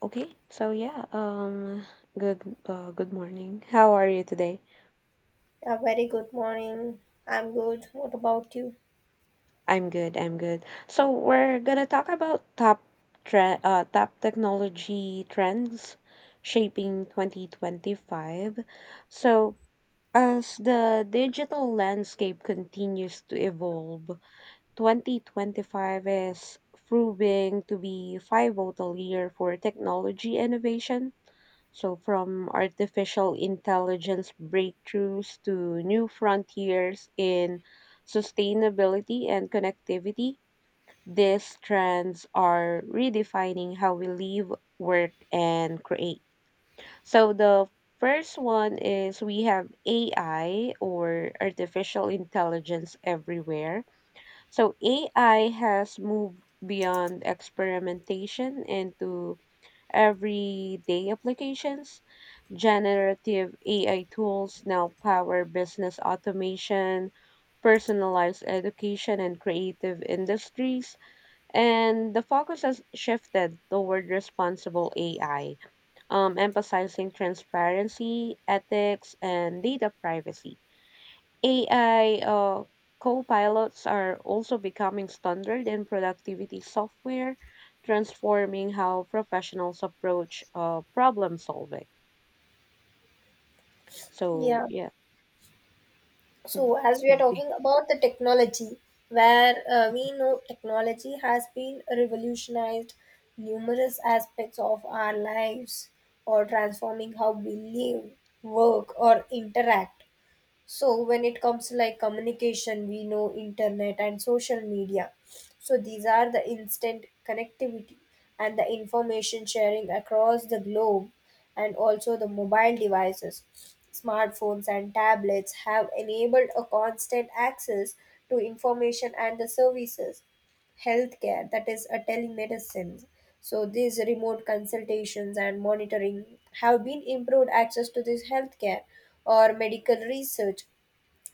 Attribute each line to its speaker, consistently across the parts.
Speaker 1: Okay, so yeah, um, good, Good morning. How are you today?
Speaker 2: Yeah, very good morning. I'm good. What about you?
Speaker 1: I'm good. I'm good. So we're gonna talk about top technology trends shaping 2025. So as the digital landscape continues to evolve, 2025 is proving to be a pivotal year for technology innovation. So, from artificial intelligence breakthroughs to new frontiers in sustainability and connectivity, these trends are redefining how we live, work, and create. So, the first one is we have AI, or artificial intelligence, everywhere. So, AI has moved beyond experimentation into everyday applications. Generative AI tools now power business automation, personalized education, and creative industries. And the focus has shifted toward responsible AI, emphasizing transparency, ethics, and data privacy. AI co pilots are also becoming standard in productivity software, transforming how professionals approach problem solving. So,
Speaker 2: Yeah.
Speaker 1: yeah. Mm,
Speaker 2: So, as we are
Speaker 1: mhm.
Speaker 2: talking about the technology, where we know technology has been revolutionized numerous aspects of our lives or transforming how we live, work, or interact. So when it comes to like communication, we know internet and social media, so these are the instant connectivity and the information sharing across the globe, and also the mobile devices, smartphones and tablets have enabled a constant access to information and the services. Healthcare, that is a telemedicine, so these remote consultations and monitoring have been improved access to this healthcare or medical research.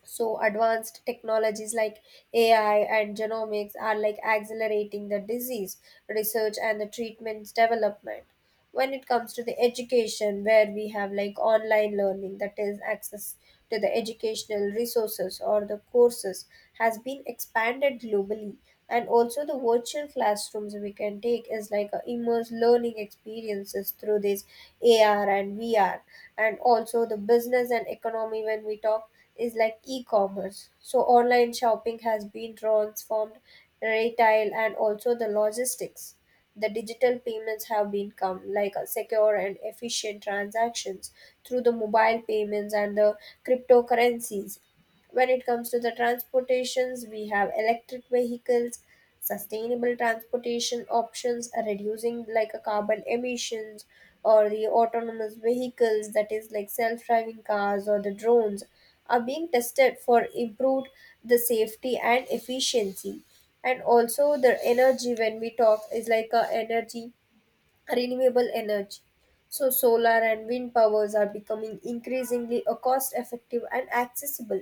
Speaker 2: So advanced technologies like AI and genomics are like accelerating the disease research and the treatments development. When it comes to the education, where we have like online learning, that is access to the educational resources or the courses has been expanded globally, and also the virtual classrooms we can take is like a immersive learning experiences through this AR and VR. And also the business and economy when we talk is like e-commerce. So online shopping has been transformed retail and also the logistics. The digital payments have become like a secure and efficient transactions through the mobile payments and the cryptocurrencies. When it comes to the transportations, we have electric vehicles, sustainable transportation options, reducing like a carbon emissions, or the autonomous vehicles that is like self-driving cars, or the drones are being tested for improved the safety and efficiency. And also the energy when we talk is like a energy renewable energy. So, solar and wind powers are becoming increasingly a cost effective and accessible.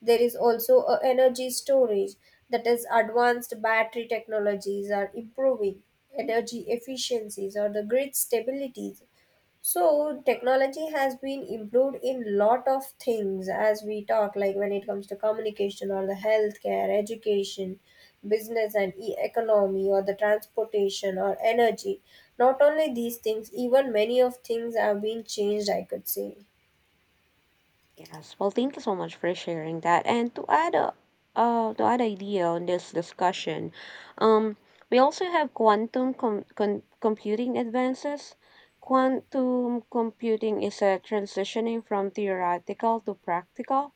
Speaker 2: There is also a energy storage, that is advanced battery technologies are improving energy efficiencies or the grid stabilities. So technology has been improved in lot of things as we talk, like when it comes to communication or the healthcare, education, business and economy, or the transportation or energy. Not only these things, even many of things have been changed, I could say.
Speaker 1: Yes. Well, thank you so much for sharing that. And to add a to add idea on this discussion, um, we also have quantum computing advances. Quantum computing is a transitioning from theoretical to practical.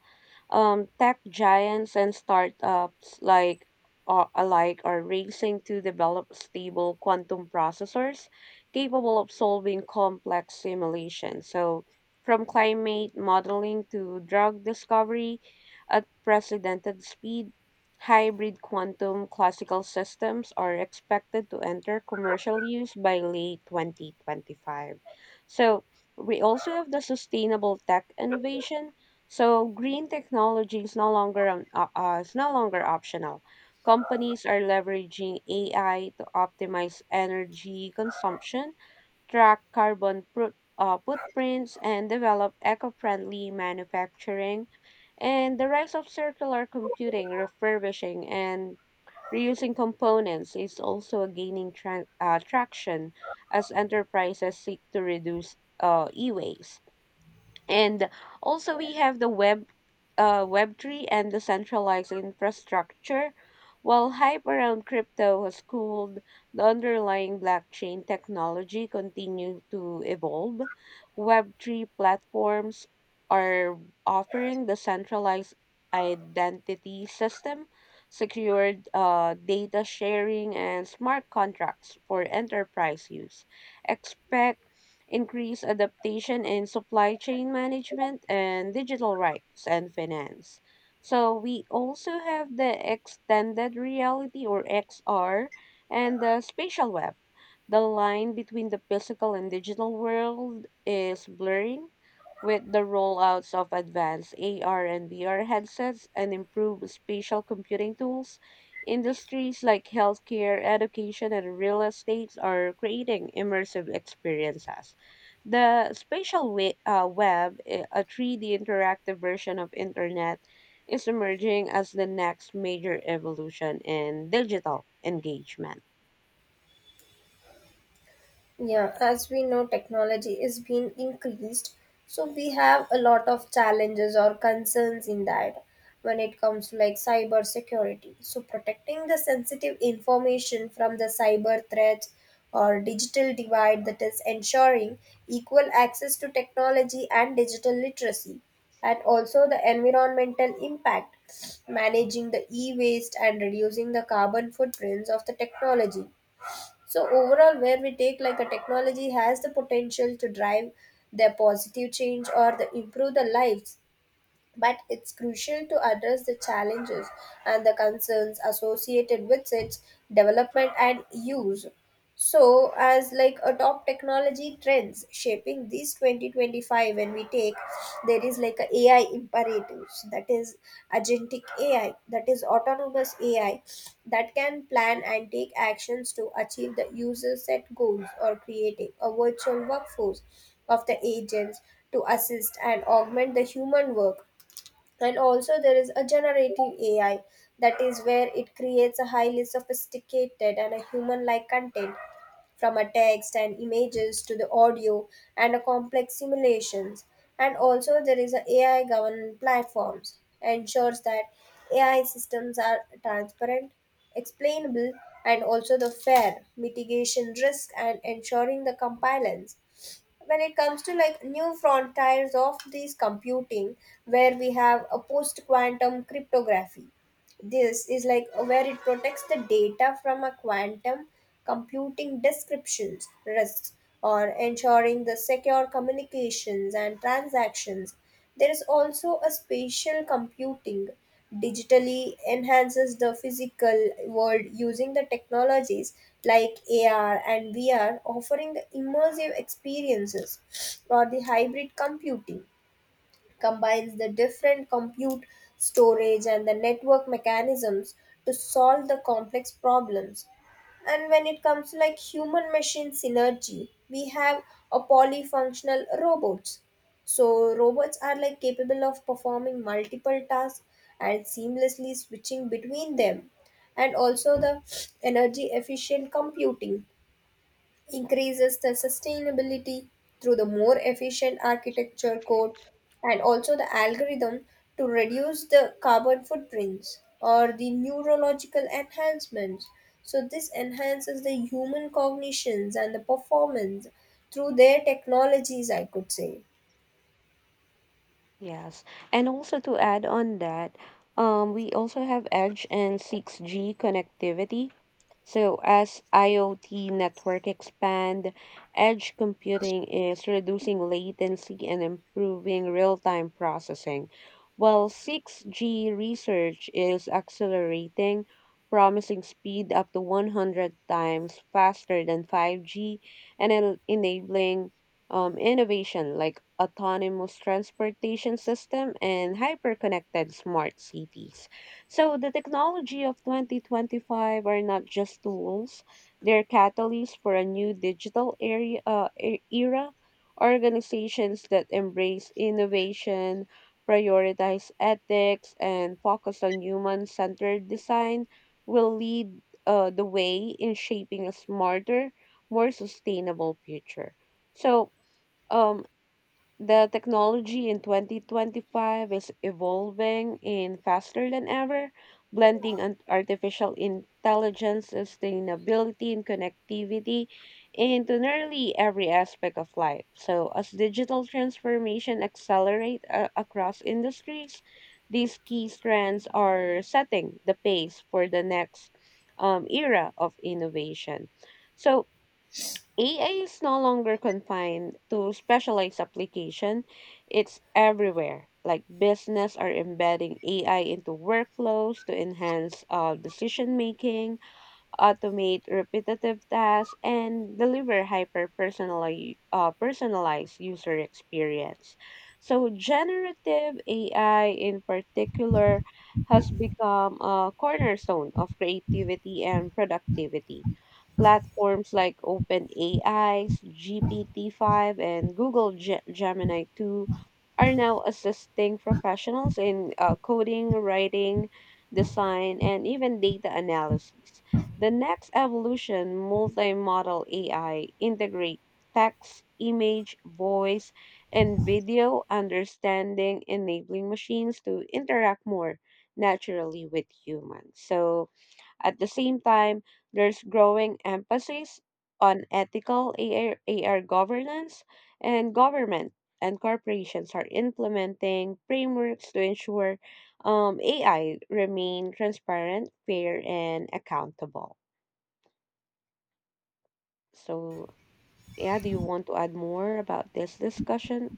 Speaker 1: Tech giants and startups like alike are racing to develop stable quantum processors capable of solving complex simulations. So from climate modeling to drug discovery at unprecedented speed, hybrid quantum classical systems are expected to enter commercial use by late 2025. So, we also have the sustainable tech innovation. So, green technology is is no longer optional. Companies are leveraging AI to optimize energy consumption, track carbon footprints, and develop eco friendly manufacturing. And the rise of circular computing, refurbishing, and reusing components is also gaining traction as enterprises seek to reduce e waste. And also we have the web3 and the centralized infrastructure. While hype around crypto has cooled, the underlying blockchain technology continue to evolve. Web3 platforms are offering the centralized identity system, secured data sharing, and smart contracts for enterprise use. Expect increased adaptation in supply chain management and digital rights and finance. So we also have the extended reality, or XR, and the spatial web. The line between the physical and digital world is blurring with the rollouts of advanced AR and VR headsets and improved spatial computing tools. Industries like healthcare, education, and real estate are creating immersive experiences. The web, a 3D interactive version of internet, is emerging as the next major evolution in digital engagement.
Speaker 2: Yeah, as we know, technology is being increased, so we have a lot of challenges or concerns in that. When it comes to like cyber security, so protecting the sensitive information from the cyber threats, or digital divide, that is ensuring equal access to technology and digital literacy, and also the environmental impact, managing the e-waste and reducing the carbon footprints of the technology. So overall, where we take like a technology has the potential to drive the positive change or the improve the lives, but it's crucial to address the challenges and the concerns associated with its development and use. So as like a top technology trends shaping this 2025, when we take, there is like a AI imperatives, that is agentic AI, that is autonomous AI that can plan and take actions to achieve the user set goals, or creating a virtual workforce of the agents to assist and augment the human work. And also, there is a generative AI, that is where it creates a highly sophisticated and a human like content, from a text and images to the audio and a complex simulations. And also, there is a AI governed platforms ensures that AI systems are transparent, explainable, and also the fair mitigation risk and ensuring the compliance. When it comes to like new frontiers of this computing, where we have a post quantum cryptography, this is like where it protects the data from a quantum computing descriptions risks, or ensuring the secure communications and transactions. There is also a spatial computing, digitally enhances the physical world using the technologies like AR and VR, offering the immersive experiences, or the hybrid computing combines the different compute, storage, and the network mechanisms to solve the complex problems. And when it comes to like human machine synergy, we have a polyfunctional robots. So robots are like capable of performing multiple tasks and seamlessly switching between them, and also the energy efficient computing increases the sustainability through the more efficient architecture code and also the algorithm to reduce the carbon footprints, or the neurological enhancements. So, this enhances the human cognitions and the performance through their technologies, I could say.
Speaker 1: Yes. And also to add on that, we also have Edge and 6G connectivity. So as IoT network expand, edge computing is reducing latency and improving real-time processing, while 6G research is accelerating, promising speed up to 100 times faster than 5G, and enabling innovation like autonomous transportation system and hyperconnected smart cities. So the technology of 2025 are not just tools, they're catalysts for a new digital era. Organizations that embrace innovation, prioritize ethics, and focus on human centered design will lead the way in shaping a smarter, more sustainable future. So, um, the technology in 2025 is evolving in faster than ever, blending artificial intelligence, sustainability, and connectivity into nearly every aspect of life. So, as digital transformation accelerate across industries, these key strands are setting the pace for the next era of innovation. So, AI is no longer confined to specialized application. It's everywhere. Like business are embedding AI into workflows to enhance decision making, automate repetitive tasks, and deliver hyper personalized user experience. So, generative AI in particular has become a cornerstone of creativity and productivity. Platforms like OpenAI's GPT-5 and Gemini 2 are now assisting professionals in coding, writing, design, and even data analysis. The next evolution, multimodal AI, integrates text, image, voice, and video understanding, enabling machines to interact more naturally with humans. So, at the same time, there's growing emphasis on ethical AR, governance, and government, and corporations are implementing frameworks to ensure AI remain transparent, fair, and accountable. So, yeah, do you want to add more about this discussion?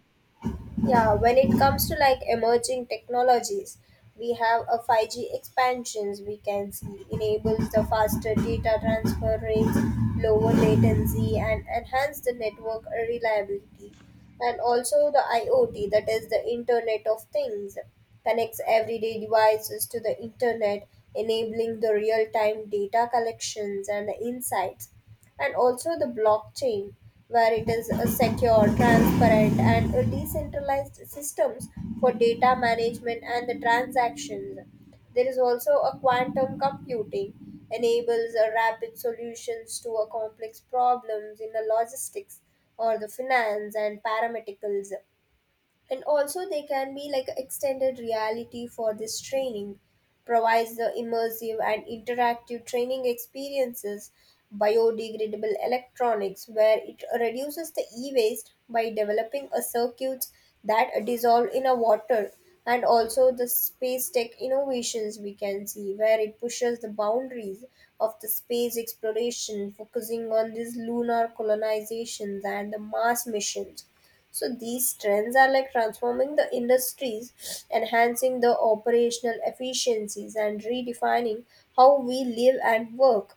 Speaker 2: Yeah, when it comes to like emerging technologies, we have a 5G expansions we can see enables the faster data transfer rates, lower latency, and enhance the network reliability. And also the IoT, that is the Internet of Things, connects everyday devices to the internet, enabling the real-time data collections and insights, and also the blockchain, where it is a secure, transparent, and a decentralized systems for data management and the transactions. There is also a quantum computing enables a rapid solutions to a complex problems in the logistics or the finance and paramedicals. And also they can be like extended reality for this training provides the immersive and interactive training experiences. Biodegradable electronics, where it reduces the e-waste by developing a circuits that dissolve in a water. And also the space tech innovations we can see, where it pushes the boundaries of the space exploration, focusing on these lunar colonizations and the Mars missions. So these trends are like transforming the industries, enhancing the operational efficiencies, and redefining how we live and work.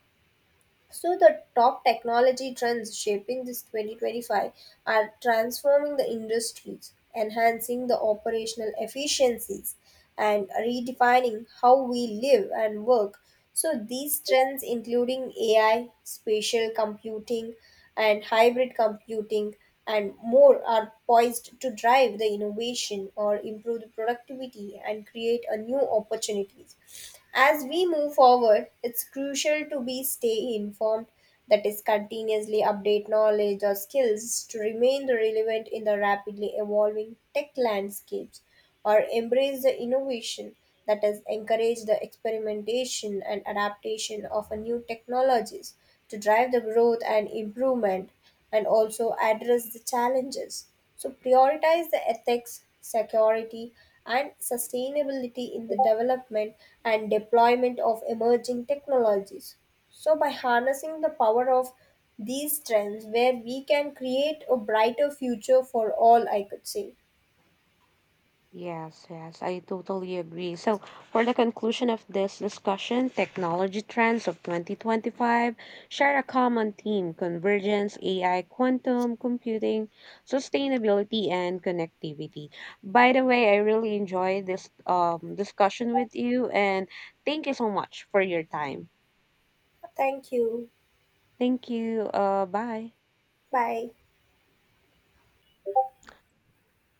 Speaker 2: So, the top technology trends shaping this 2025 are transforming the industries, enhancing the operational efficiencies, and redefining how we live and work. So, these trends, including AI, spatial computing, and hybrid computing, and more, are poised to drive the innovation or improve the productivity and create a new opportunities. As we move forward, it's crucial to be stay informed, that is continuously update knowledge or skills to remain relevant in the rapidly evolving tech landscapes, or embrace the innovation that has encouraged the experimentation and adaptation of a new technologies to drive the growth and improvement, and also address the challenges. So, prioritize the ethics, security, and sustainability in the development and deployment of emerging technologies. So, by harnessing the power of these trends, where we can create a brighter future for all, I could say.
Speaker 1: Yes, yes, I totally agree. So, for the conclusion of this discussion, technology trends of 2025 share a common theme convergence: AI, quantum computing, sustainability, and connectivity. By the way, I really enjoyed this discussion with you, and thank you so much for your time.
Speaker 2: Thank you.
Speaker 1: Thank you. Bye.
Speaker 2: Bye.